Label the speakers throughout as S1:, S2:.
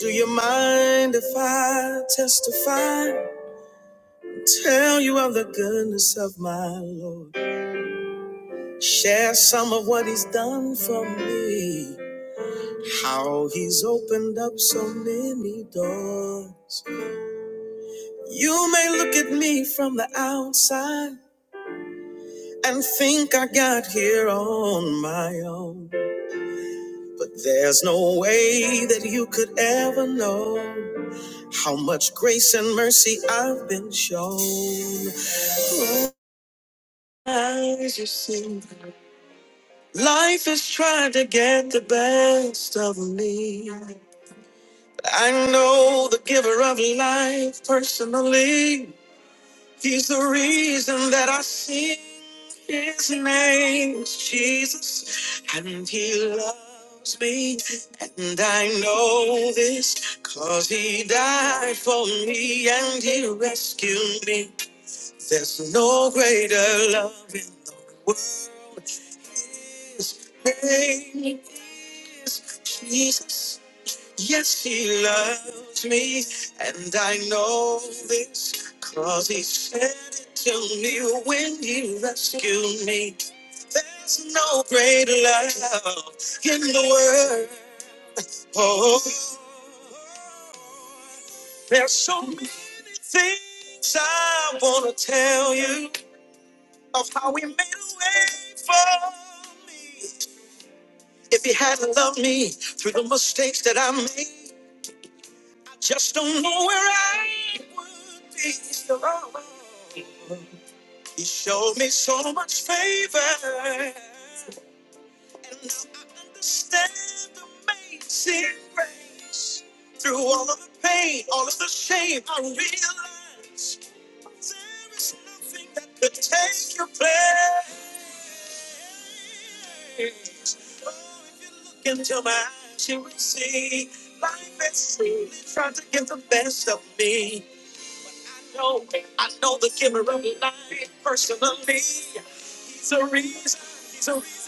S1: Do you mind if I testify? Tell you of the goodness of my Lord. Share some of what He's done for me. How He's opened up so many doors. You may look at me from the outside and think I got here on my own. But there's no way that you could ever know how much grace and mercy I've been shown. As you see, life is trying to get the best of me. I know the giver of life personally. He's the reason that I sing his name, Jesus. And he loves me. And I know this because he died for me and he rescued me. There's no greater love in the world. His name is Jesus. Yes, he loves me, and I know this, cause he said it to me when he rescued me. There's no greater love in the world. Oh, there's so many things I wanna tell you of how he made a way for me. If he hadn't loved me through the mistakes that I made. Just don't know where I would be. alone. He showed me so much favor. And now I understand the amazing grace. Through all of the pain, all of the shame, I realize there is nothing that could take your place. Oh, if you look into my eyes, you will see life has truly tried to give the best of me. No, I know the giver of life personally. He's a reason. He's a reason.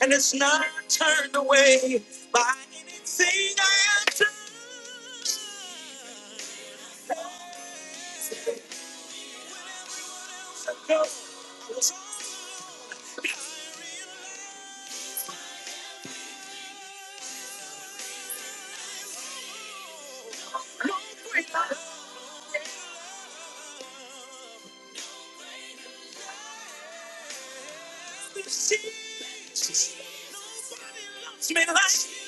S1: and it's not turned away by anything I have done. I was hungry, I love this city. It's me like you,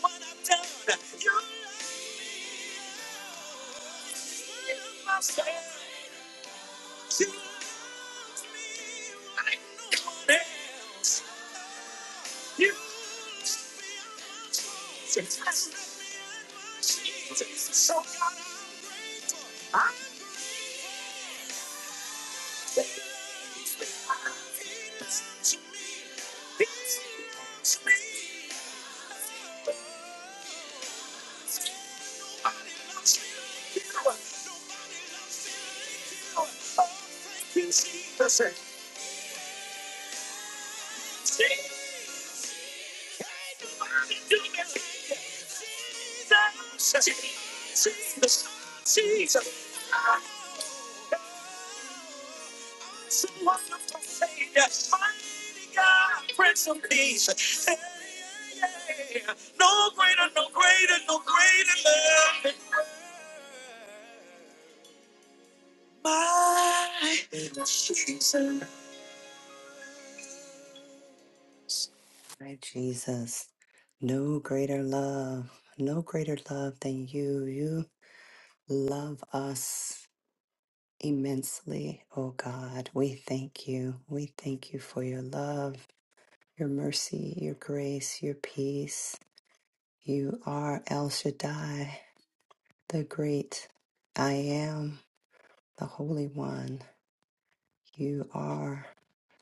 S1: what I've done. You are my friend, you and you. Only can see the same. See, I don't to do this. Jesus, Jesus, Jesus. So wonderful, Savior, mighty God, Prince of Peace. No greater, no greater, no greater love than my Jesus. My Jesus. No greater love, no greater love than you. You love us immensely, oh God. We thank you. We thank you for your love, your mercy, your grace, your peace. You are El Shaddai. the great I am, the Holy One. You are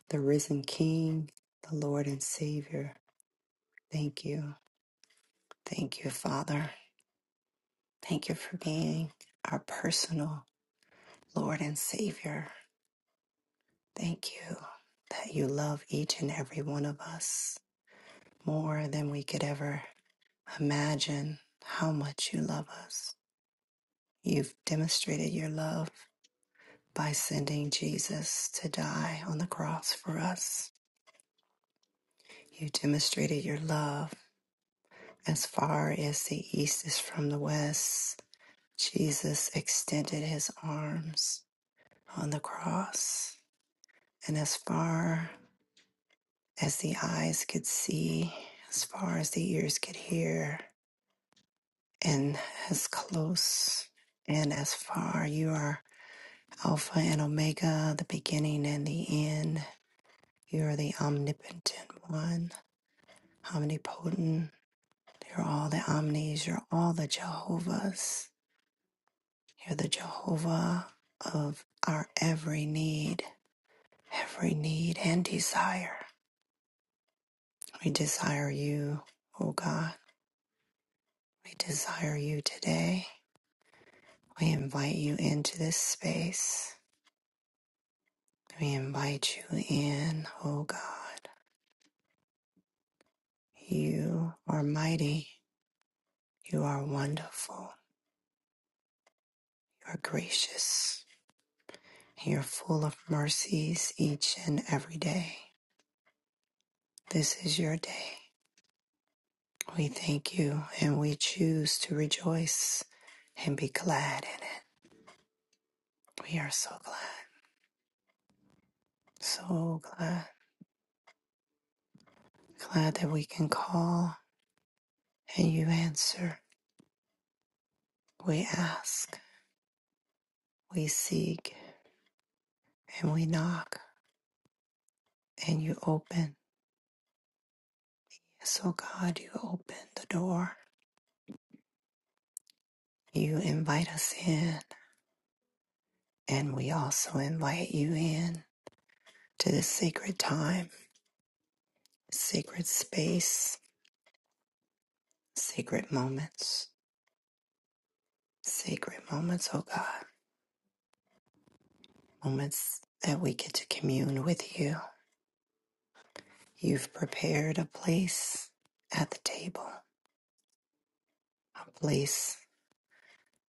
S1: the risen King, the Lord and Savior. Thank you. Thank you, Father. Thank you for being our personal Lord and Savior. Thank you that you love each and every one of us more than we could ever imagine how much you love us. You've demonstrated your love by sending Jesus to die on the cross for us. You demonstrated your love as far as the east is from the west. Jesus extended his arms on the cross, and as far as the eyes could see, as far as the ears could hear, and as close and as far, you are Alpha and Omega, the beginning and the end. You are the omnipotent one, omnipotent. You're all the omnis, you're all the Jehovahs. You're the Jehovah of our every need, every need and desire. We desire you, O God. We desire you today. We invite you into this space. We invite you in, O God. You are mighty. You are wonderful. You are gracious. You're full of mercies each and every day. This is your day. We thank you and we choose to rejoice and be glad in it. We are so glad, so glad, glad that we can call and you answer. We ask, we seek, and we knock, and you open. So, God, you open the door. You invite us in, and we also invite you in to this sacred time, sacred space, sacred moments, sacred moments, oh God. moments that we get to commune with you. You've prepared a place at the table, a place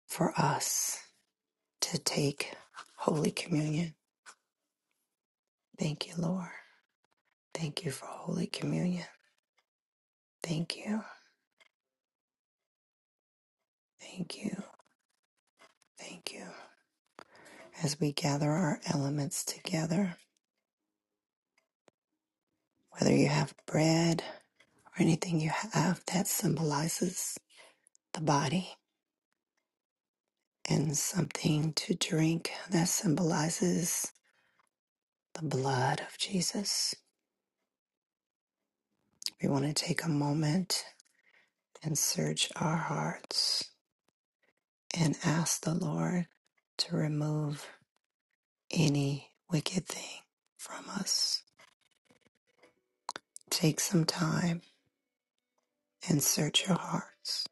S1: for us to take Holy Communion. Thank you, Lord. Thank you for Holy Communion. Thank you. Thank you. Thank you. As we gather our elements together, whether you have bread or anything you have that symbolizes the body and something to drink that symbolizes the blood of Jesus. We want to take a moment and search our hearts and ask the Lord to remove any wicked thing from us. Take some time and search your hearts.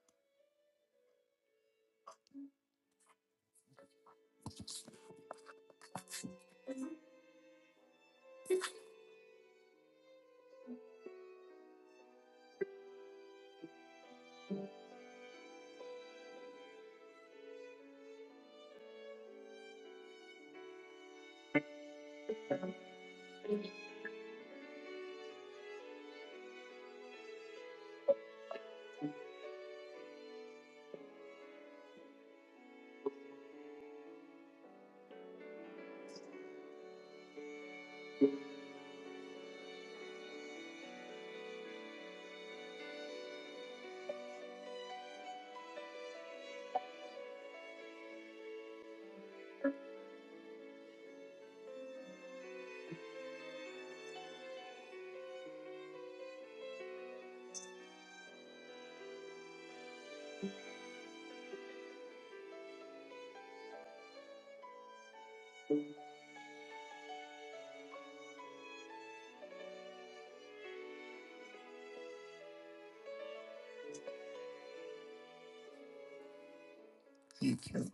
S1: Thank you.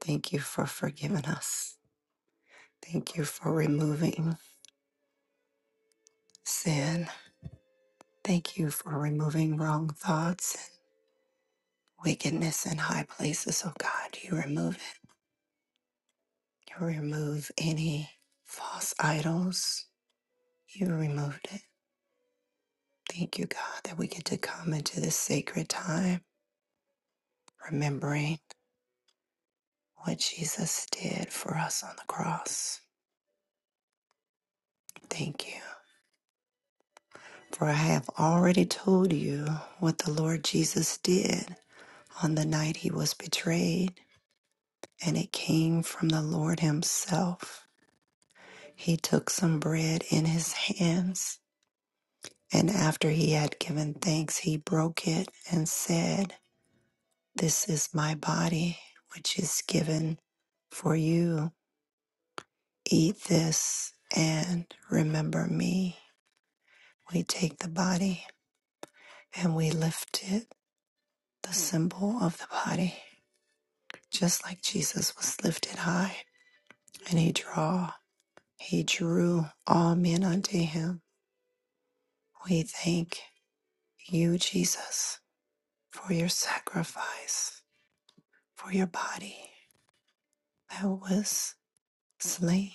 S1: Thank you for forgiving us. Thank you for removing sin. Thank you for removing wrong thoughts and wickedness in high places. Oh God, you remove it. You remove any false idols You removed it. Thank you, God, that we get to come into this sacred time, remembering what Jesus did for us on the cross. Thank you. For I have already told you what the Lord Jesus did on the night he was betrayed, and it came from the Lord himself. He took some bread in his hands, and after he had given thanks, he broke it and said, This is my body, which is given for you. Eat this and remember me. We take the body and we lift it, the symbol of the body, just like Jesus was lifted high and he draw, he drew all men unto him. We thank you, Jesus, for your sacrifice, for your body that was slain,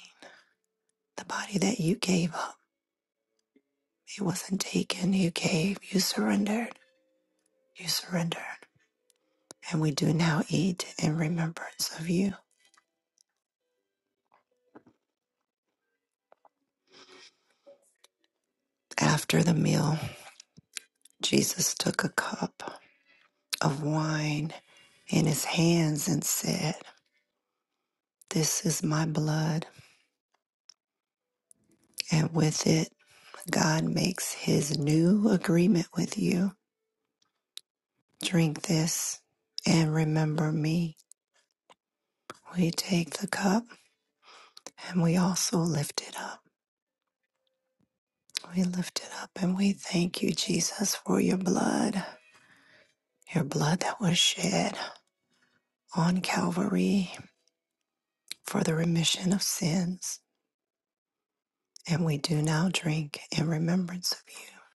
S1: the body that you gave up It wasn't taken. You gave. You surrendered. You surrendered. And we do now eat in remembrance of you. After the meal, Jesus took a cup of wine in his hands and said, This is my blood. And with it, God makes his new agreement with you. Drink this and remember me. We take the cup and we also lift it up. We lift it up and we thank you, Jesus, for your blood. your blood that was shed on Calvary for the remission of sins. And we do now drink in remembrance of you.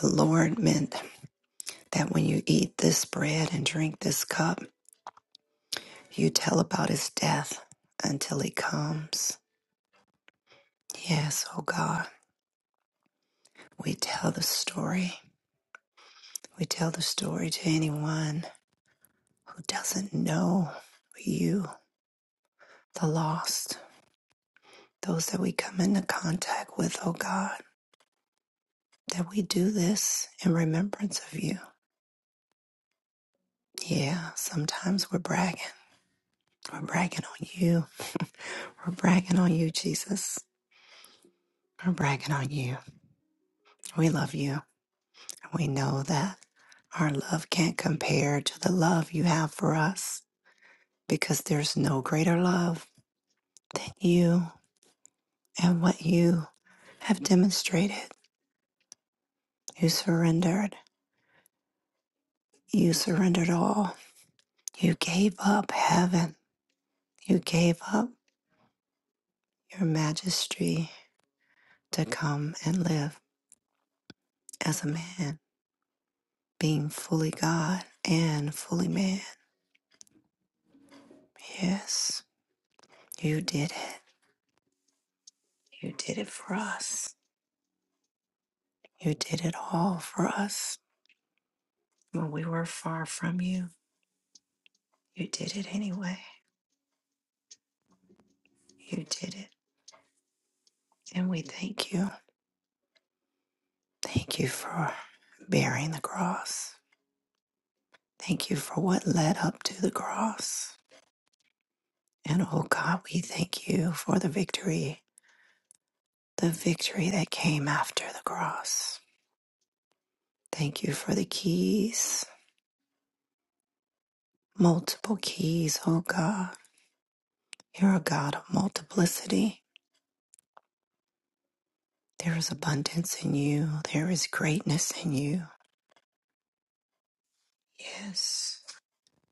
S1: The Lord meant that when you eat this bread and drink this cup, you tell about his death until he comes. Yes, oh God, we tell the story. We tell the story to anyone who doesn't know you, the lost, those that we come into contact with, oh God. that we do this in remembrance of you. Yeah, sometimes we're bragging. We're bragging on you. We're bragging on you, Jesus. We're bragging on you. We love you. we know that our love can't compare to the love you have for us because there's no greater love than you and what you have demonstrated. You surrendered. You surrendered all. You gave up heaven. You gave up your majesty to come and live as a man, being fully God and fully man. Yes, you did it. You did it for us. You did it all for us. When we were far from you, you did it anyway. You did it. And we thank you. Thank you for bearing the cross. Thank you for what led up to the cross. And oh God, we thank you for the victory, the victory that came after the cross. Thank you for the keys multiple keys, oh God. You're a God of multiplicity. There is abundance in you, there is greatness in you. Yes,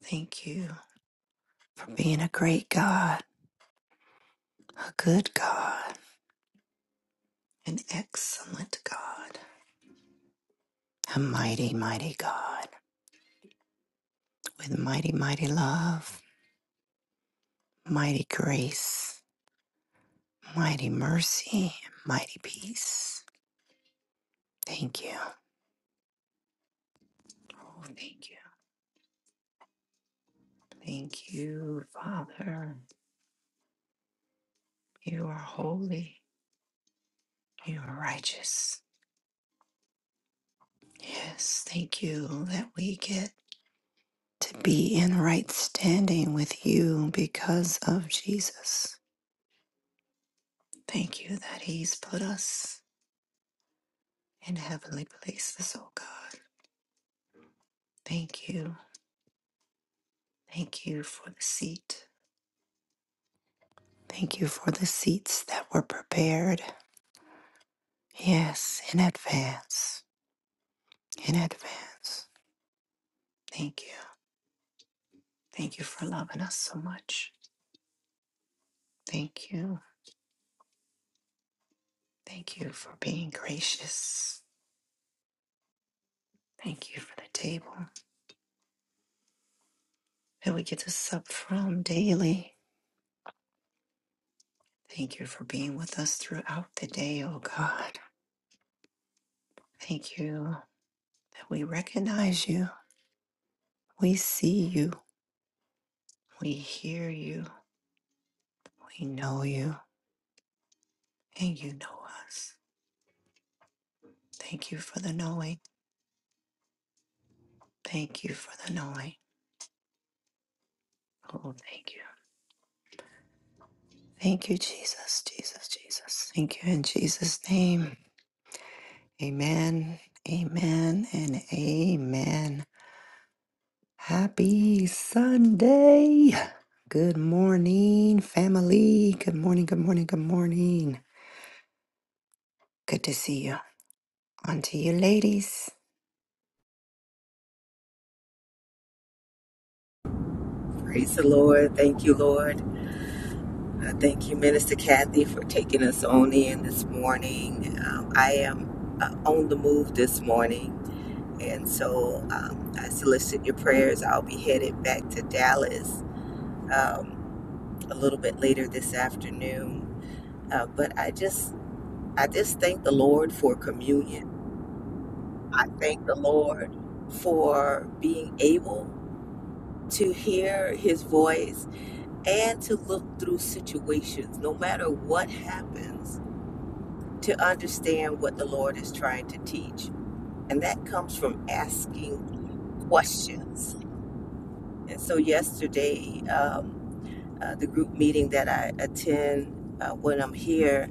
S1: thank you for being a great God, a good God, an excellent God, a mighty, mighty God with mighty, mighty love, mighty grace, mighty mercy, and mighty peace. Thank you. Oh, thank you. Thank you, Father. You are holy. You are righteous. Yes, thank you that we get to be in right standing with you because of Jesus. Thank you that He's put us in heavenly places, oh God. Thank you. Thank you for the seat. Thank you for the seats that were prepared. Yes, in advance. In advance. Thank you. Thank you for loving us so much. Thank you. Thank you for being gracious. Thank you for the table that we get to sup from daily. Thank you for being with us throughout the day, oh God. Thank you that we recognize you, we see you, we hear you, we know you, and you know us. Thank you for the knowing. Thank you for the knowing. Oh, thank you. Thank you, Jesus, Jesus, Jesus. Thank you in Jesus' name. Amen, amen, and amen. Happy Sunday. Good morning, family. Good morning, good morning, good morning. Good to see you. On to you, ladies.
S2: Praise the Lord. Thank you, Lord. Uh, thank you, Minister Kathy, for taking us on in this morning. Um, I am uh, on the move this morning, and so um, I solicit your prayers. I'll be headed back to Dallas um, a little bit later this afternoon. Uh, but I just, I just thank the Lord for communion. I thank the Lord for being able to hear His voice and to look through situations, no matter what happens, to understand what the Lord is trying to teach. And that comes from asking questions. And so, yesterday, um, uh, the group meeting that I attend uh, when I'm here,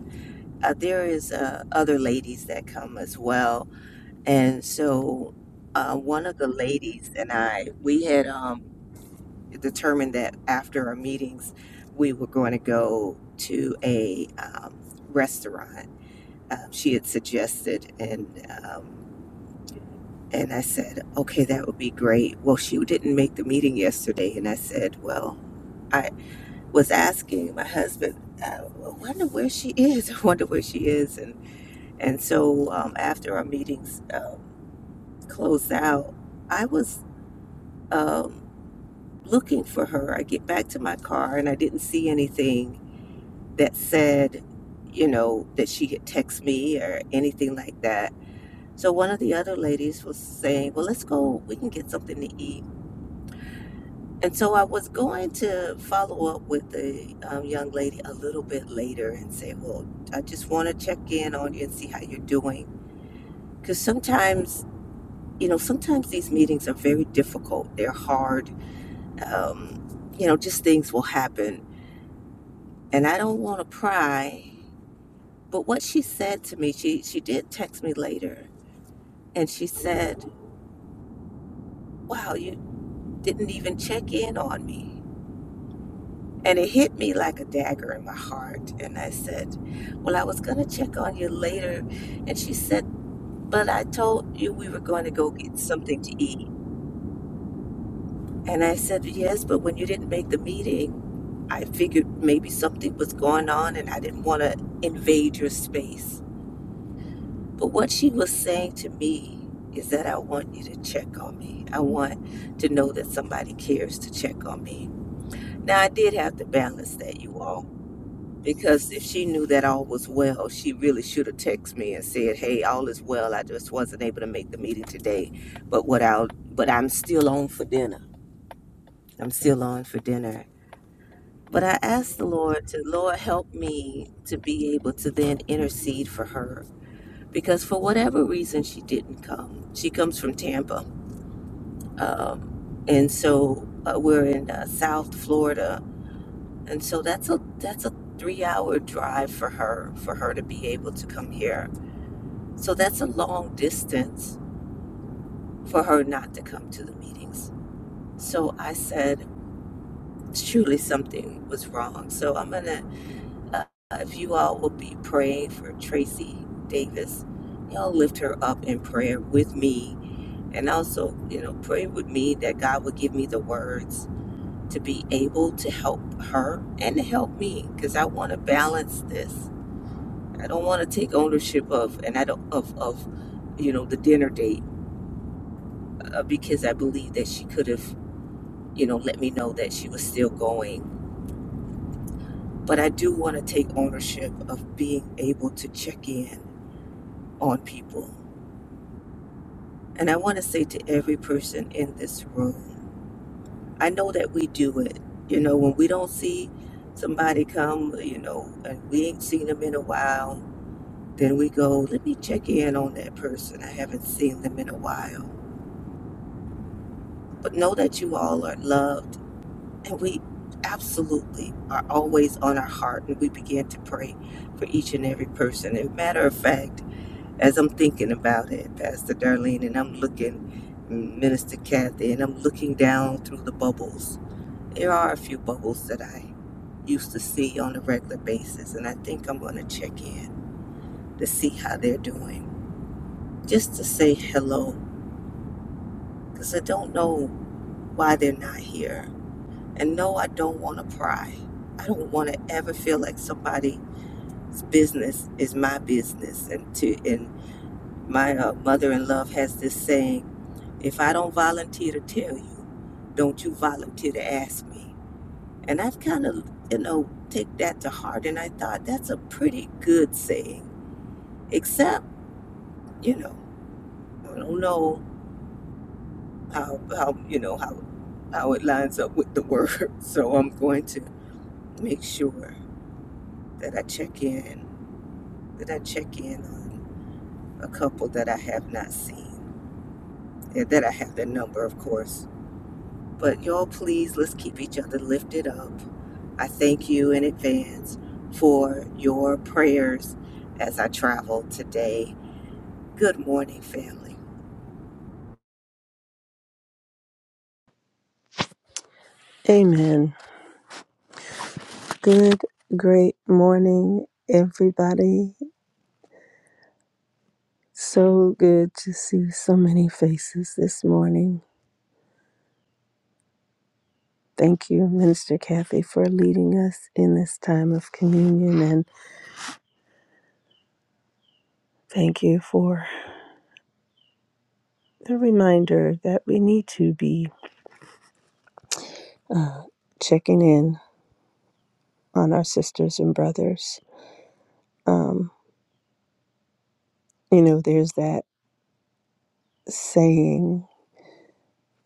S2: uh, there is uh, other ladies that come as well. And so, uh, one of the ladies and I, we had um, determined that after our meetings, we were going to go to a um, restaurant. Um, she had suggested, and um, and I said, okay, that would be great. Well, she didn't make the meeting yesterday, and I said, well, I was asking my husband, uh, well, I wonder where she is. I wonder where she is. And and so um, after our meetings um, closed out, I was um, looking for her. I get back to my car and I didn't see anything. that said, you know, that she had text me or anything like that. So one of the other ladies was saying, "Well, let's go. We can get something to eat." And so I was going to follow up with the um, young lady a little bit later and say, "Well, I just want to check in on you and see how you're doing," because sometimes, you know, sometimes these meetings are very difficult. They're hard. Um, you know, just things will happen, and I don't want to pry But what she said to me, she she did text me later, and she said, "Wow, you didn't even check in on me." And it hit me like a dagger in my heart. And I said, "Well, I was gonna check on you later," and she said, "But I told you we were going to go get something to eat." And I said, "Yes, but when you didn't make the meeting, I figured maybe something was going on, and I didn't want to invade your space." But what she was saying to me is that I want you to check on me. I want to know that somebody cares to check on me. Now, I did have to balance that, you all, because if she knew that all was well, she really should have texted me and said, "Hey, all is well. I just wasn't able to make the meeting today, but what I'll, but I'm still on for dinner. I'm still on for dinner." But I asked the Lord to, Lord, help me to be able to then intercede for her because for whatever reason she didn't come. She comes from Tampa, um, and so uh, we're in uh, South Florida, and so that's a that's a three-hour drive for her for her to be able to come here. So that's a long distance for her not to come to the meetings. So I said, surely something was wrong. So I'm gonna, uh, if you all will be praying for Tracy Davis, y'all lift her up in prayer with me And also, you know, pray with me that God would give me the words to be able to help her and to help me because I want to balance this. I don't want to take ownership of and I don't of of you know the dinner date uh, because I believe that she could have you know let me know that she was still going. But I do want to take ownership of being able to check in on people. And I want to say to every person in this room I know that we do it. You know, when we don't see somebody come, you know, and we ain't seen them in a while, then we go, let me check in on that person. I haven't seen them in a while. But know that you all are loved and we absolutely are always on our heart and we begin to pray for each and every person. As a matter of fact, as I'm thinking about it, Pastor Darlene, and I'm looking Minister Kathy, and I'm looking down through the bubbles. There are a few bubbles that I used to see on a regular basis. And I think I'm going to check in to see how they're doing, just to say hello, because I don't know why they're not here. And no, I don't want to pry. I don't want to ever feel like somebody's business is my business. And to and my uh, mother in law has this saying: If I don't volunteer to tell you, don't you volunteer to ask me. And I've kind of, you know, take that to heart. And I thought that's a pretty good saying, except you know, I don't know how how you know how how it lines up with the word. So I'm going to make sure that I check in that I check in on a couple that I have not seen. And that I have their number of course. But y'all please let's keep each other lifted up. I thank you in advance for your prayers as I travel today. Good morning, family.
S3: Amen. Good, great morning, everybody. So good to see so many faces this morning. Thank you, Minister Kathy, for leading us in this time of communion. And thank you for the reminder that we need to be checking in on our sisters and brothers. Um, you know, there's that saying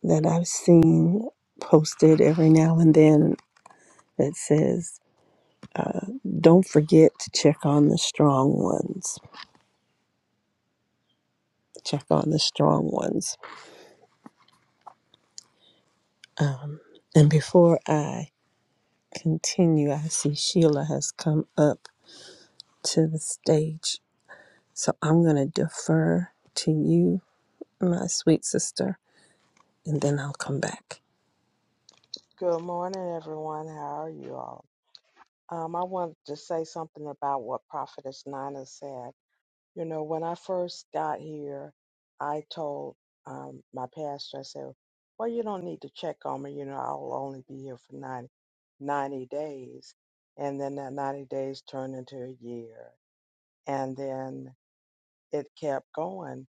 S3: that I've seen posted every now and then that says, Uh, don't forget to check on the strong ones. Check on the strong ones. Um, and before I continue, I see Sheila has come up to the stage. So I'm going to defer to you, my sweet sister, and then I'll come back.
S4: Good morning, everyone. How are you all? Um, I wanted to say something about what Prophetess Nina said. You know, when I first got here, I told um, my pastor, I said, Well, you don't need to check on me. You know, I'll only be here for 90, ninety days. And then that 90 days turned into a year. And then it kept going.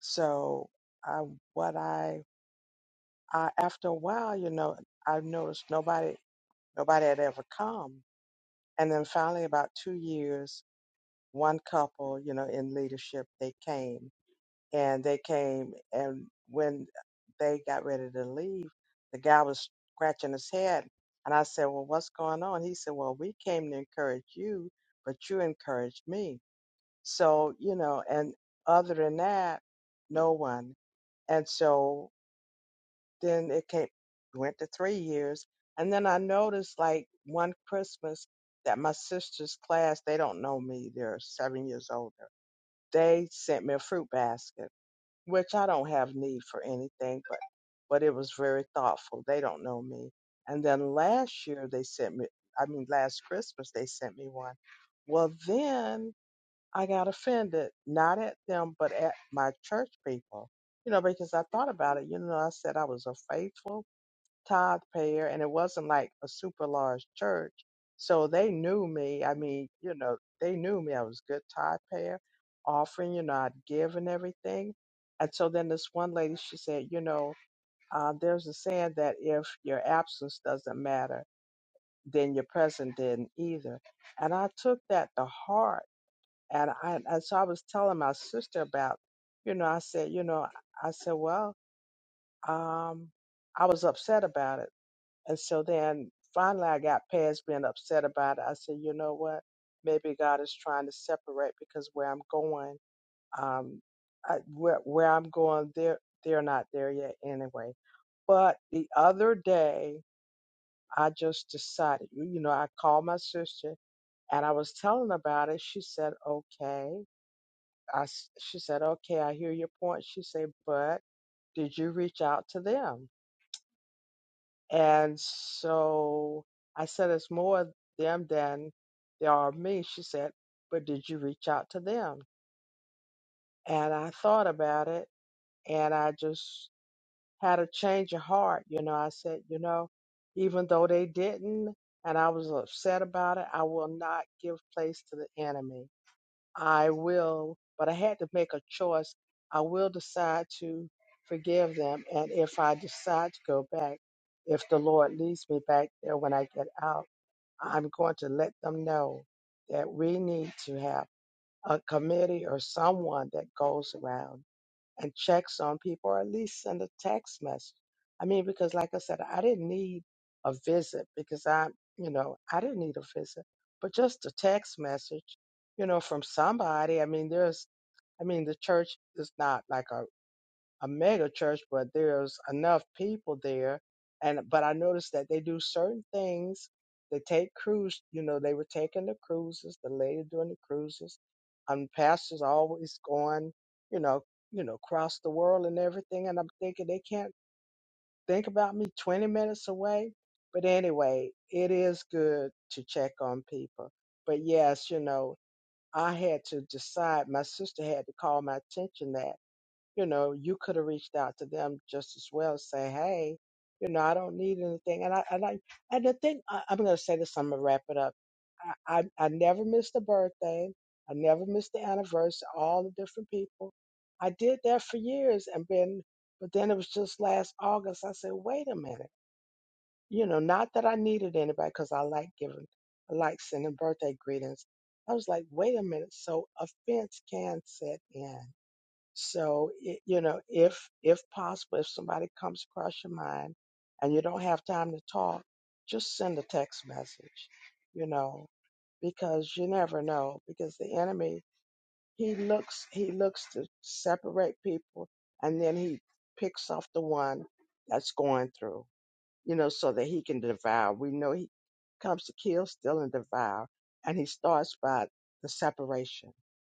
S4: So, I, what I, I, after a while, you know, I noticed nobody, nobody had ever come And then finally, about two years, one couple, you know, in leadership, they came and they came. And when they got ready to leave, the guy was scratching his head. And I said, Well, what's going on? He said, Well, we came to encourage you, but you encouraged me. So, you know, and other than that, no one. And so then it came went to three years and then i noticed like one christmas that my sister's class they don't know me they're seven years older they sent me a fruit basket which i don't have need for anything but but it was very thoughtful they don't know me and then last year they sent me i mean last christmas they sent me one well then i got offended not at them but at my church people you know because i thought about it you know i said i was a faithful tithe payer, and it wasn't like a super large church. So they knew me. I mean, you know, they knew me. I was a good tithe payer, offering, you know, I'd give and everything. And so then this one lady, she said, you know, uh, there's a saying that if your absence doesn't matter, then your presence didn't either. And I took that to heart. And I, and so I was telling my sister about, you know, I said, you know, I said, well, um, I was upset about it and so then finally I got past being upset about it. I said, you know what? Maybe God is trying to separate because where I'm going, um, I, where, where I'm going, they're, they're not there yet anyway. But the other day, I just decided, you know, I called my sister and I was telling about it. She said, okay. I, s- she said, okay, I hear your point. She said, but did you reach out to them? And so I said, It's more of them than there are of me. She said, But did you reach out to them? And I thought about it and I just had a change of heart. You know, I said, You know, even though they didn't, and I was upset about it, I will not give place to the enemy. I will, but I had to make a choice. I will decide to forgive them. And if I decide to go back, if the Lord leads me back there when I get out, I'm going to let them know that we need to have a committee or someone that goes around and checks on people or at least send a text message. I mean, because like I said, I didn't need a visit because I, you know, I didn't need a visit, but just a text message, you know, from somebody. I mean, there's, I mean, the church is not like a a mega church, but there's enough people there. And but I noticed that they do certain things. They take cruise, you know, they were taking the cruises, the lady doing the cruises, and pastors always going, you know, you know, across the world and everything. And I'm thinking they can't think about me 20 minutes away. But anyway, it is good to check on people. But yes, you know, I had to decide. My sister had to call my attention that you know, you could have reached out to them just as well, say, hey, you know, I don't need anything. And I, and I, and the thing, I, I'm going to say this, I'm going to wrap it up. I, I, I never missed a birthday. I never missed the anniversary, all the different people. I did that for years and been, but then it was just last August. I said, wait a minute. You know, not that I needed anybody because I like giving, I like sending birthday greetings. I was like, wait a minute. So offense can set in so, it, you know, if if possible, if somebody comes across your mind and you don't have time to talk, just send a text message, you know, because you never know. Because the enemy, he looks he looks to separate people, and then he picks off the one that's going through you know, so that he can devour. We know he comes to kill, steal, and devour. And he starts by the separation.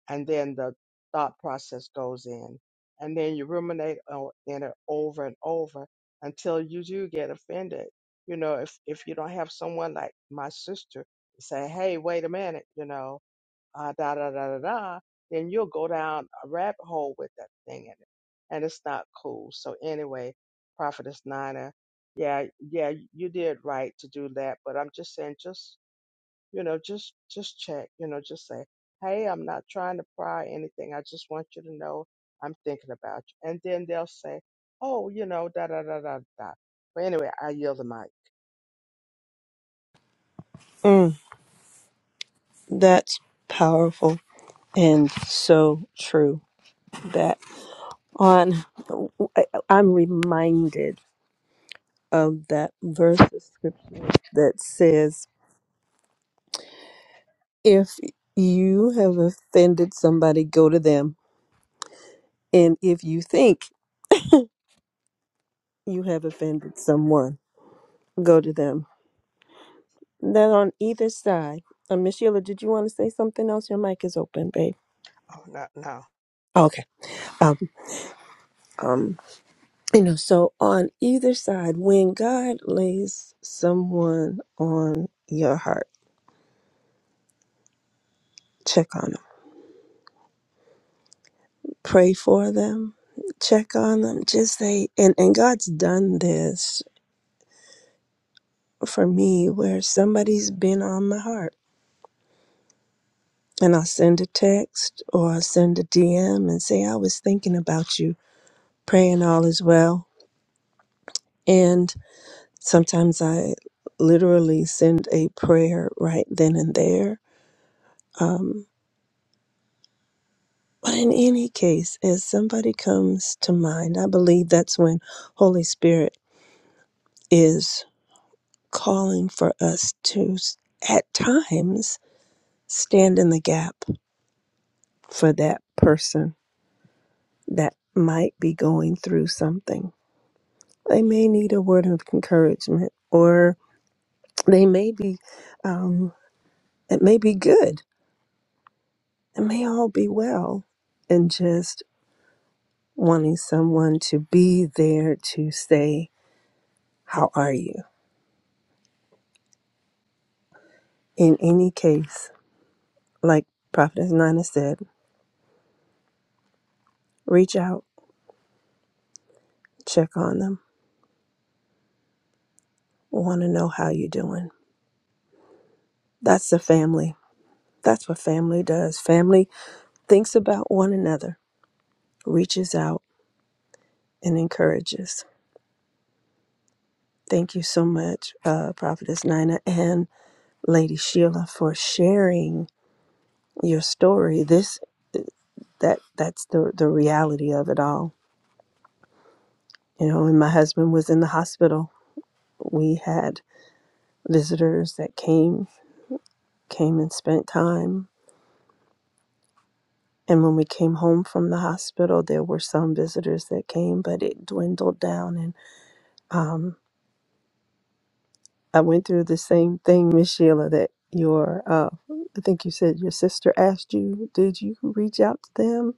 S4: And then the thought process goes in. And then you ruminate on in it over and over until you do get offended. You know, if, if you don't have someone like my sister say, hey, wait a minute, you know, uh, da da da da da, then you'll go down a rabbit hole with that thing in it, and it's not cool. So anyway, Prophetess Nina, yeah, yeah, you did right to do that, but I'm just saying, just you know, just just check, you know, just say, hey, I'm not trying to pry anything. I just want you to know I'm thinking about you, and then they'll say, oh, you know, da da da da da. But anyway, I yield the mic.
S3: Mm, that's powerful and so true. That on, I- I'm reminded of that verse of scripture that says, If you have offended somebody, go to them. And if you think you have offended someone, go to them. That on either side. Uh, Miss Sheila, did you want to say something else? Your mic is open, babe.
S4: Oh no, no,
S3: Okay. Um, um, you know, so on either side, when God lays someone on your heart, check on them, pray for them, check on them. Just say, and and God's done this for me, where somebody's been on my heart And I'll send a text or I'll send a DM and say, I was thinking about you, praying all is well. And sometimes I literally send a prayer right then and there. Um, but in any case, as somebody comes to mind, I believe that's when Holy Spirit is calling for us to, s- at times, stand in the gap for that person that might be going through something They may need a word of encouragement, or they may be, um, it may be good. It may all be well, and just wanting someone to be there to say, How are you? In any case, like Prophetess Nina said, reach out, check on them, want to know how you're doing. That's the family. That's what family does. Family thinks about one another, reaches out, and encourages. Thank you so much, uh, Prophetess Nina and Lady Sheila, for sharing your story. This that that's the the reality of it all. You know, when my husband was in the hospital, we had visitors that came came and spent time. And when we came home from the hospital, there were some visitors that came, but it dwindled down. And um, I went through the same thing, Miss Sheila, that your uh I think you said your sister asked you, did you reach out to them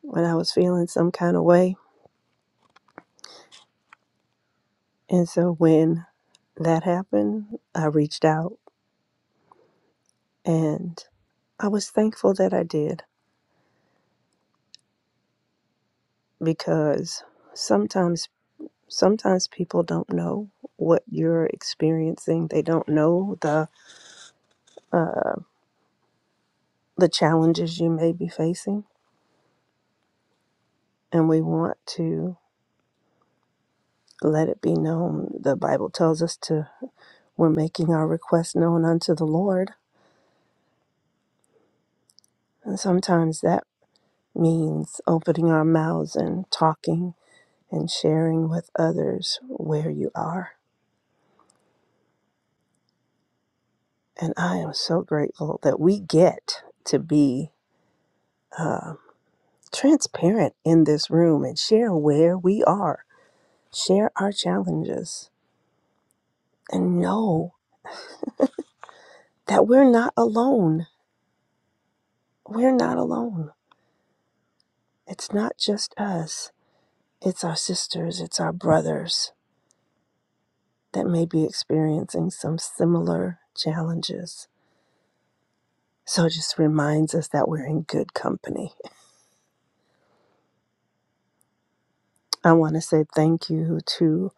S3: when I was feeling some kind of way? And so when that happened, I reached out and I was thankful that I did because sometimes sometimes people don't know what you're experiencing. They don't know the uh the challenges you may be facing and we want to let it be known. The Bible tells us to We're making our requests known unto the Lord. And sometimes that means opening our mouths and talking and sharing with others where you are. And I am so grateful that we get to be uh, transparent in this room and share where we are, share our challenges, and know that we're not alone. We're not alone. It's not just us, it's our sisters, it's our brothers that may be experiencing some similar challenges. So it just reminds us that we're in good company. I want to say thank you to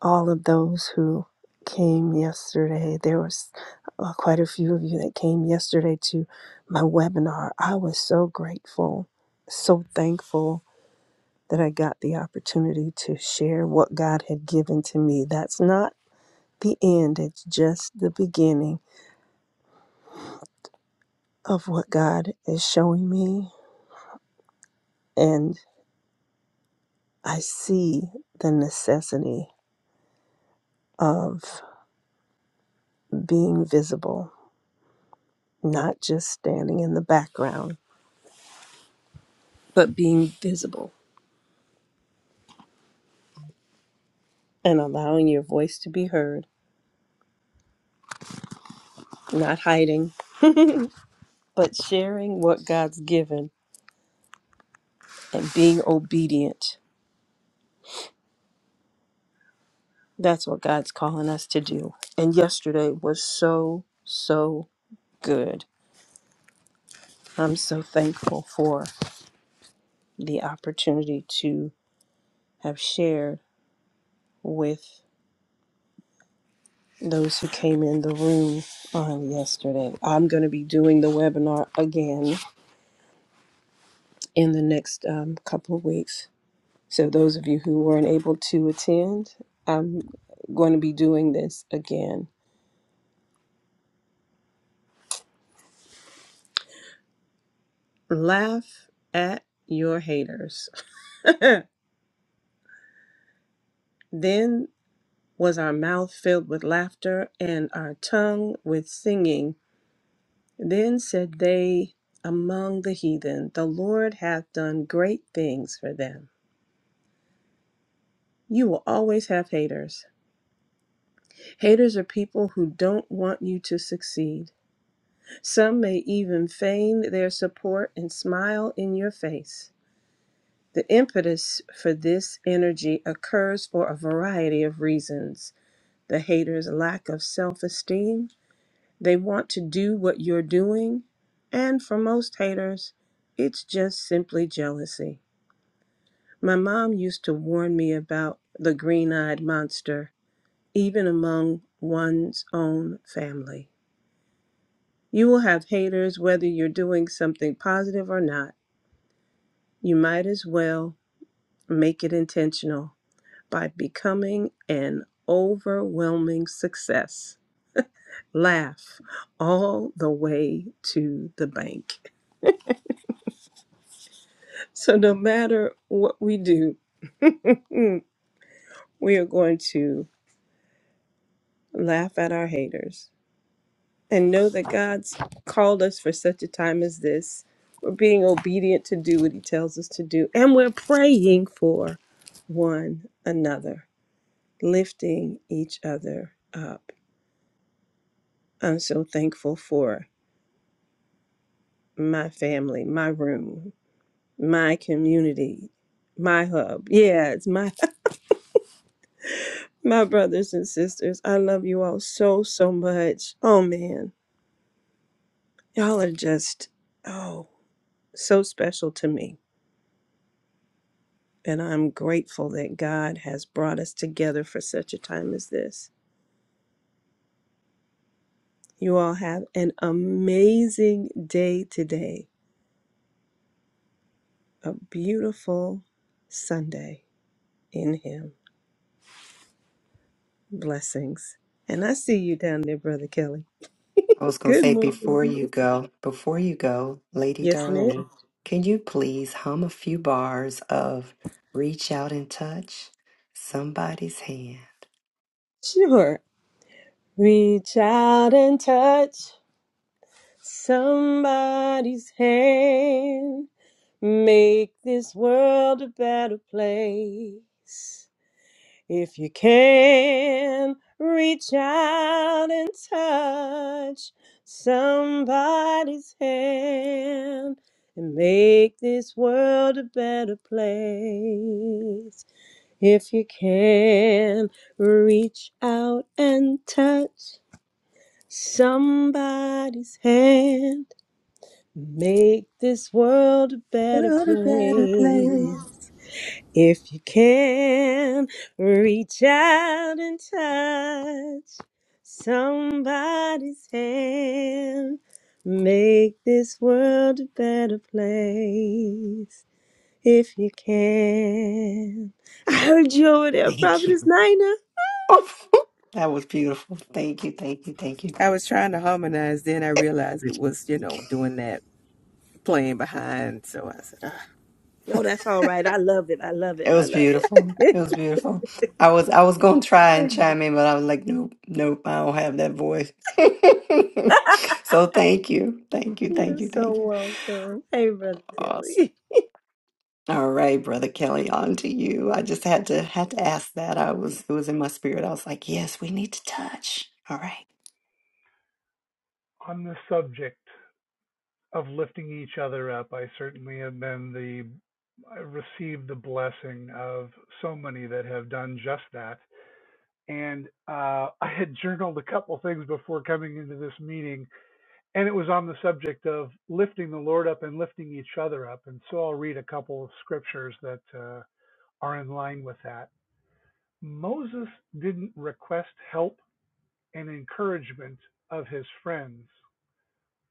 S3: all of those who came yesterday. There was uh, quite a few of you that came yesterday to my webinar. I was so grateful, so thankful that I got the opportunity to share what God had given to me. That's not the end, it's just the beginning of what God is showing me. And I see the necessity of being visible, not just standing in the background, but being visible and allowing your voice to be heard, not hiding, but sharing what God's given and being obedient. That's what God's calling us to do. And yesterday was so, so good. I'm so thankful for the opportunity to have shared with those who came in the room on yesterday. I'm going to be doing the webinar again in the next um, couple of weeks. So, those of you who weren't able to attend, I'm going to be doing this again. Laugh at your haters. then was our mouth filled with laughter and our tongue with singing. Then said they among the heathen, The Lord hath done great things for them. You will always have haters Haters are people who don't want you to succeed. Some may even feign their support and smile in your face. The impetus for this energy occurs for a variety of reasons. The haters' lack of self esteem, they want to do what you're doing, and for most haters, it's just simply jealousy. My mom used to warn me about the green eyed monster, even among one's own family. You will have haters whether you're doing something positive or not. You might as well make it intentional by becoming an overwhelming success. Laugh all the way to the bank. So, no matter what we do, mm, we are going to laugh at our haters and know that God's called us for such a time as this. We're being obedient to do what He tells us to do, and we're praying for one another, lifting each other up. I'm so thankful for my family, my room, my community, my hub. Yeah, it's my my brothers and sisters. I love you all so so much. Oh man, y'all are just oh so special to me And I'm grateful that God has brought us together for such a time as this. You all have an amazing day today, a beautiful Sunday in Him. Blessings. And I see you down there, Brother Kelly.
S1: I was going to
S3: Good
S1: say
S3: morning.
S1: before you go, before you go, Lady
S3: Yes, ma'am.
S1: Darling, can you please hum a few bars of Reach Out and Touch Somebody's Hand?
S3: Sure. Reach out and touch somebody's hand. Make this world a better place. If you can reach out and touch somebody's hand and make this world a better place. If you can reach out and touch somebody's hand, make this world a better
S2: We're on a better
S3: place.
S2: place.
S3: If you can reach out and touch somebody's hand, make this world a better place. If you can. I heard you over there,
S1: Thank
S3: Prophetess
S1: you.
S3: Nina.
S1: that was beautiful. Thank you, thank you, thank you.
S2: I was trying to harmonize, then I realized it was, you know, doing that playing behind. So I said, ah.
S3: No, that's all right. I love it. I love it.
S1: It
S3: I
S1: was
S3: love
S1: beautiful. It
S3: it.
S1: was beautiful. I was I was gonna try and chime in, but I was like, nope, nope, I don't have that voice. so thank you. Thank you.
S3: You're
S1: Thank you.
S3: so
S1: Thank you.
S3: welcome. Hey, Brother
S1: Awesome.
S3: Tilly.
S1: All right, brother Kelly, on to you. I just had to had to ask that. I was it was in my spirit. I was like, yes, we need to touch. All right.
S5: on the subject of lifting each other up, I certainly have been the I received the blessing of so many that have done just that. And uh, I had journaled a couple things before coming into this meeting, and it was on the subject of lifting the Lord up and lifting each other up. And so I'll read a couple of scriptures that uh, are in line with that. Moses didn't request help and encouragement of his friends,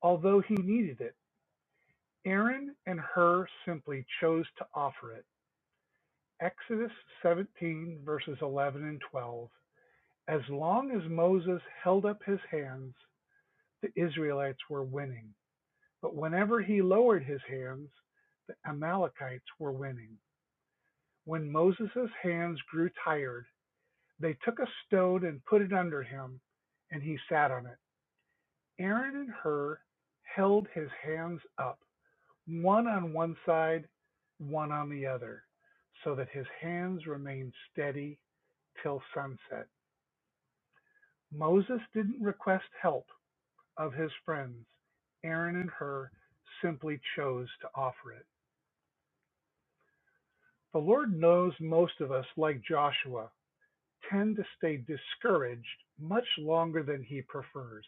S5: although he needed it. Aaron and Hur simply chose to offer it (Exodus 17 verses 11 and 12). As long as Moses held up his hands, the Israelites were winning, but whenever he lowered his hands, the Amalekites were winning. When Moses' hands grew tired, they took a stone and put it under him, and he sat on it. Aaron and Hur held his hands up. one on one side, one on the other, so that his hands remained steady till sunset. Moses didn't request help of his friends. Aaron and Hur simply chose to offer it. The Lord knows most of us, like Joshua, tend to stay discouraged much longer than he prefers,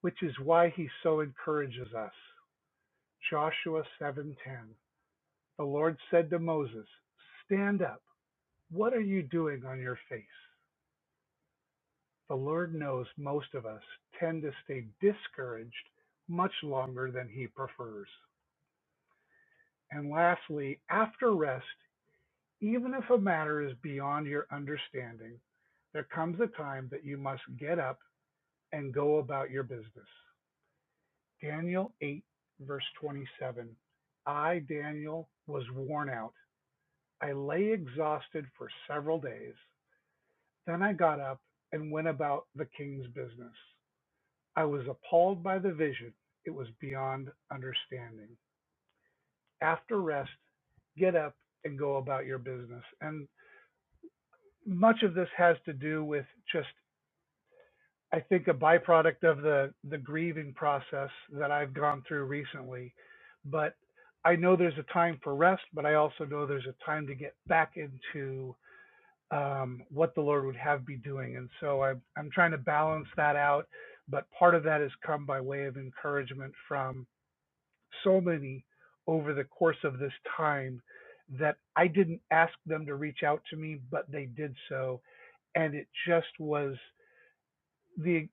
S5: which is why he so encourages us. Joshua 7:10. The Lord said to Moses, "Stand up What are you doing on your face? The Lord knows most of us tend to stay discouraged much longer than he prefers. And lastly, after rest, even if a matter is beyond your understanding, there comes a time that you must get up and go about your business. Daniel 8, verse 27. I, Daniel, was worn out. I lay exhausted for several days. Then I got up and went about the king's business. I was appalled by the vision; it was beyond understanding. After rest, get up and go about your business. And much of this has to do with just, I think, a byproduct of the, the grieving process that I've gone through recently. But I know there's a time for rest, but I also know there's a time to get back into um, what the Lord would have be doing. And so I'm, I'm trying to balance that out. But part of that has come by way of encouragement from so many over the course of this time that I didn't ask them to reach out to me, but they did so. And it just was the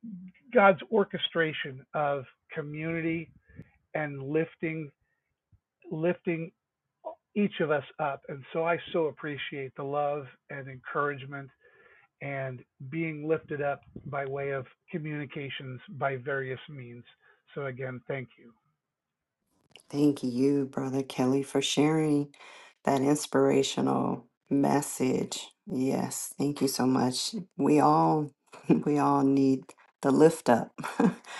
S5: God's orchestration of community and lifting, lifting each of us up. And so I so appreciate the love and encouragement and being lifted up by way of communications by various means. So again, thank you.
S1: Thank you, Brother Kelly, for sharing that inspirational message. Yes, thank you so much. We all we all need the lift up,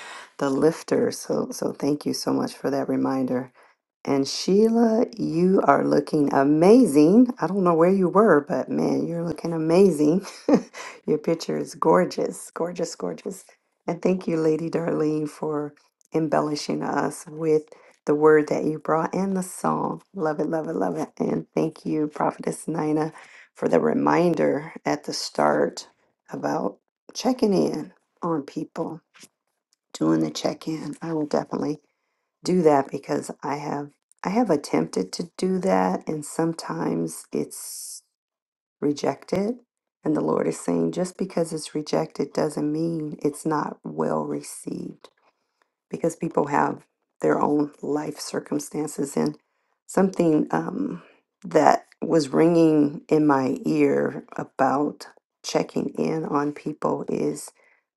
S1: the lifter. So so thank you so much for that reminder. And Sheila, you are looking amazing. I don't know where you were, but man, you're looking amazing. Your picture is gorgeous, gorgeous, gorgeous. And thank you, Lady Darlene, for embellishing us with the word that you brought and the song. Love it, love it, love it. And thank you, Prophetess Nina, for the reminder at the start about checking in on people, doing the check in. I will definitely do that because I have I have attempted to do that and sometimes it's rejected and the Lord is saying just because it's rejected doesn't mean it's not well received because people have their own life circumstances. And something um, that was ringing in my ear about checking in on people is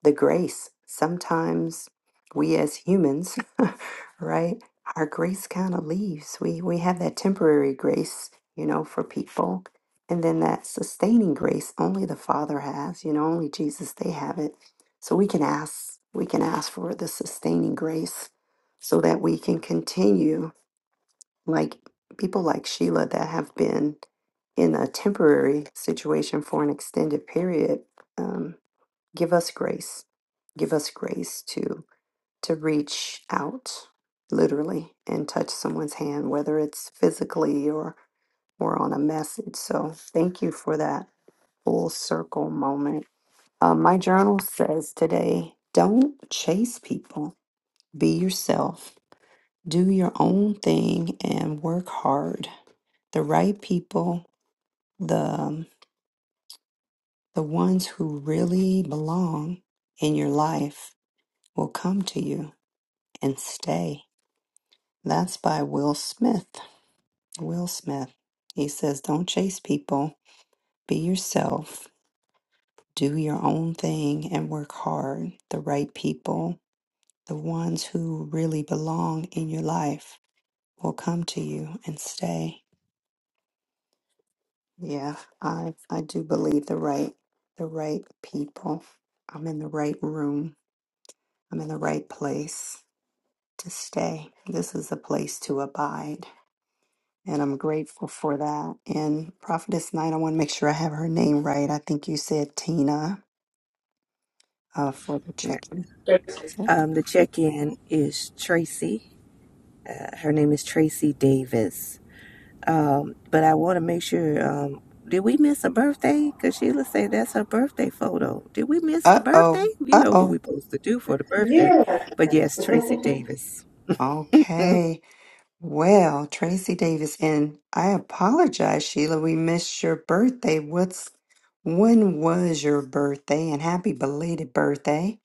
S1: the grace. Sometimes we as humans, right, our grace kind of leaves. We, we have that temporary grace, you know, for people. And then that sustaining grace, only the Father has, you know, only Jesus, they have it so we can ask, we can ask for the sustaining grace so that we can continue like people like Sheila that have been in a temporary situation for an extended period. Um, give us grace. Give us grace to to reach out literally and touch someone's hand, whether it's physically or or on a message. So thank you for that full circle moment uh, my journal says today don't chase people, be yourself, do your own thing, and work hard. The right people, the, the ones who really belong in your life, will come to you and stay. That's by Will Smith. Will Smith. He says, Don't chase people, be yourself, do your own thing, and work hard. The right people The ones who really belong in your life will come to you and stay. Yeah, I I do believe the right the right people. I'm in the right room. I'm in the right place to stay. This is a place to abide. And I'm grateful for that. And Prophetess Night, I want to make sure I have her name right. I think you said Tina uh, for the
S2: yeah."
S1: check in.
S2: um, the check in is Tracy. Uh, her name is Tracy Davis. Um, but I want to make sure, um, did we miss a birthday? Because Sheila said that's her birthday photo. Did we miss
S1: Uh
S2: the birthday?
S1: oh.
S2: You
S1: Uh
S2: know what we're
S1: oh.
S2: supposed to do for the birthday.
S3: Yeah.
S2: But yes, Tracy Davis.
S1: Okay. Well, Tracy Davis, and I apologize, Sheila. We missed your birthday. What's when was your birthday? And happy belated birthday.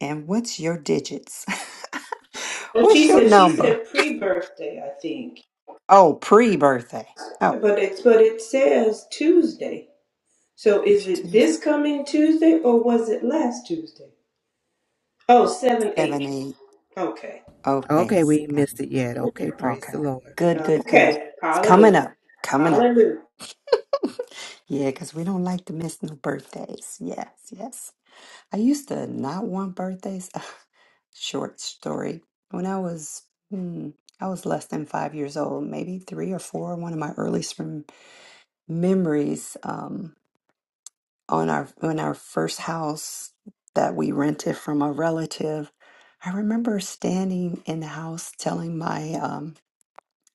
S1: And what's your digits?
S3: Well, she
S1: What's your
S3: said she
S1: number?
S3: said pre birthday, I think.
S1: Oh, pre-birthday. Oh,
S3: But it's but it says Tuesday. So is it
S1: two,
S3: this coming Tuesday or was it last Tuesday? Oh, seven
S1: seven,
S3: eight.
S1: eight.
S3: Okay.
S1: Okay.
S2: okay, we missed it yet. Okay, praise
S1: Okay.
S2: the Lord.
S1: Good, good, good.
S3: Okay.
S1: It's
S3: Hallelujah.
S1: coming up. Coming up.
S3: Hallelujah.
S1: Yeah, because we don't like to miss no birthdays. Yes, yes. I used to not want birthdays. Short story. When I was, hmm, I was less than five years old, maybe three or four. One of my earliest rem- memories um, on our on our first house that we rented from a relative. I remember standing in the house telling my um,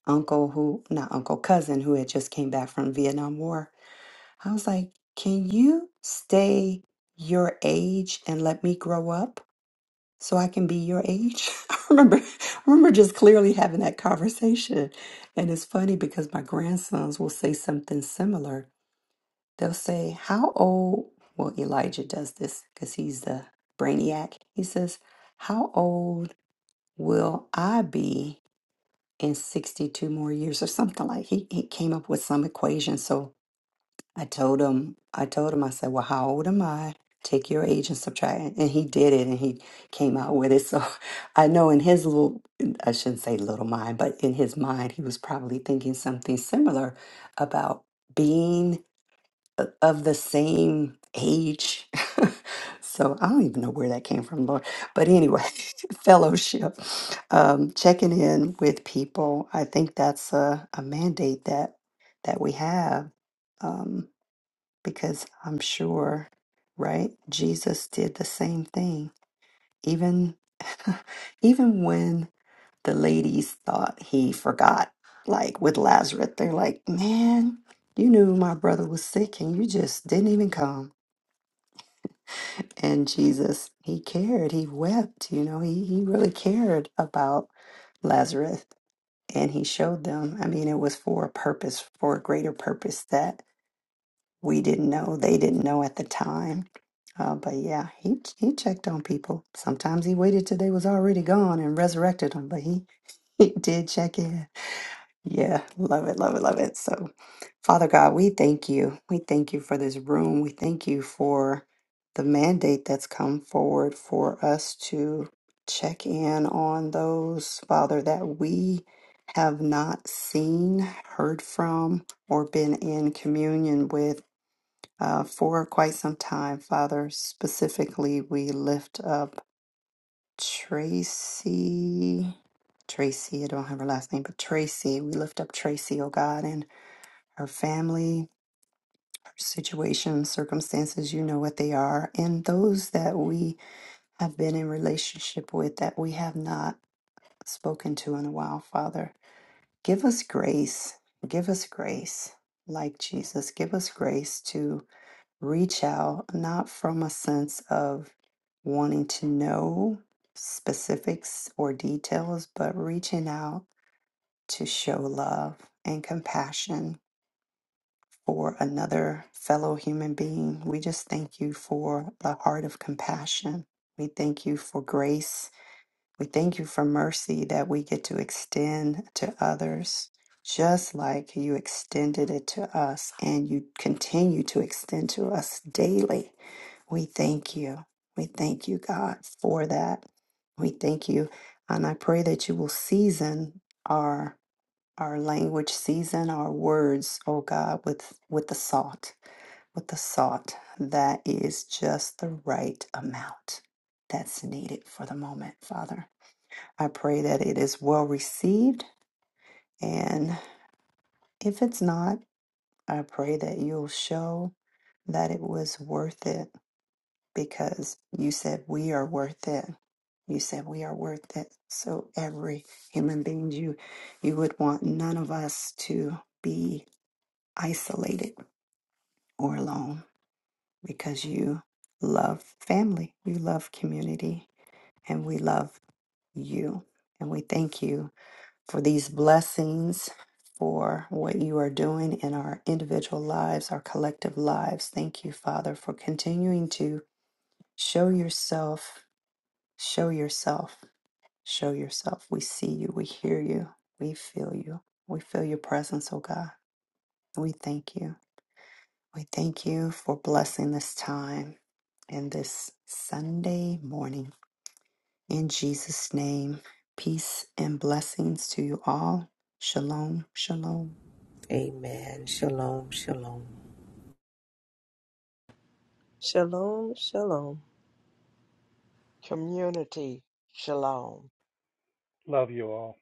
S1: uncle, who not uncle cousin, who had just came back from Vietnam War. I was like, "Can you stay your age and let me grow up?" so I can be your age. I remember, I remember just clearly having that conversation. And it's funny because my grandsons will say something similar. They'll say, How old? Well, Elijah does this because he's the brainiac. He says, How old will I be in 62 more years or something like he, he came up with some equation. So I told him, I told him, I said, Well, how old am I? Take your age and subtract. it." And he did it and he came out with it. So I know in his little, I shouldn't say little mind, but in his mind, he was probably thinking something similar about being o- of the same age. so I don't even know where that came from, Lord. But anyway, fellowship, um, checking in with people. I think that's a, a mandate that that we have. Um, because I'm sure, right? Jesus did the same thing. Even even when the ladies thought he forgot, like with Lazarus, they're like, "Man, you knew my brother was sick and you just didn't even come." And Jesus, he cared. He wept, you know. He he really cared about Lazarus and he showed them. I mean, it was for a purpose, for a greater purpose that we didn't know, they didn't know at the time. Uh, but yeah, he he checked on people. Sometimes he waited till they was already gone and resurrected them, but he he did check in. Yeah, love it, love it, love it. So, Father God, we thank you. We thank you for this room. We thank you for the mandate that's come forward for us to check in on those, Father, that we have not seen, heard from, or been in communion with uh, for quite some time, Father. Specifically, we lift up Tracy. Tracy, I don't have her last name, but Tracy. We lift up Tracy, oh God, and her family, her situation, circumstances, you know what they are, and those that we have been in relationship with that we have not spoken to in a while, Father. Give us grace. Give us grace, like Jesus. Give us grace to reach out, not from a sense of wanting to know specifics or details, but reaching out to show love and compassion for another fellow human being. We just thank you for the heart of compassion. We thank you for grace. We thank you for mercy that we get to extend to others, just like you extended it to us and you continue to extend to us daily. We thank you. We thank you, God, for that. We thank you. And I pray that you will season our our language, season our words, oh God, with with the salt, with the salt that is just the right amount that's needed for the moment, Father. I pray that it is well received. And if it's not, I pray that you'll show that it was worth it because you said we are worth it. You said we are worth it. So every human being you you would want none of us to be isolated or alone because you love family, you love community, and we love you. And we thank you for these blessings for what you are doing in our individual lives, our collective lives. Thank you, Father, for continuing to show yourself Show yourself. Show yourself. We see you. We hear you. We feel you. We feel your presence, oh God. We thank you. We thank you for blessing this time and this Sunday morning. In Jesus' name, peace and blessings to you all. Shalom. Shalom.
S2: Amen. Shalom, shalom.
S3: Shalom, shalom.
S4: community shalom.
S5: Love you all.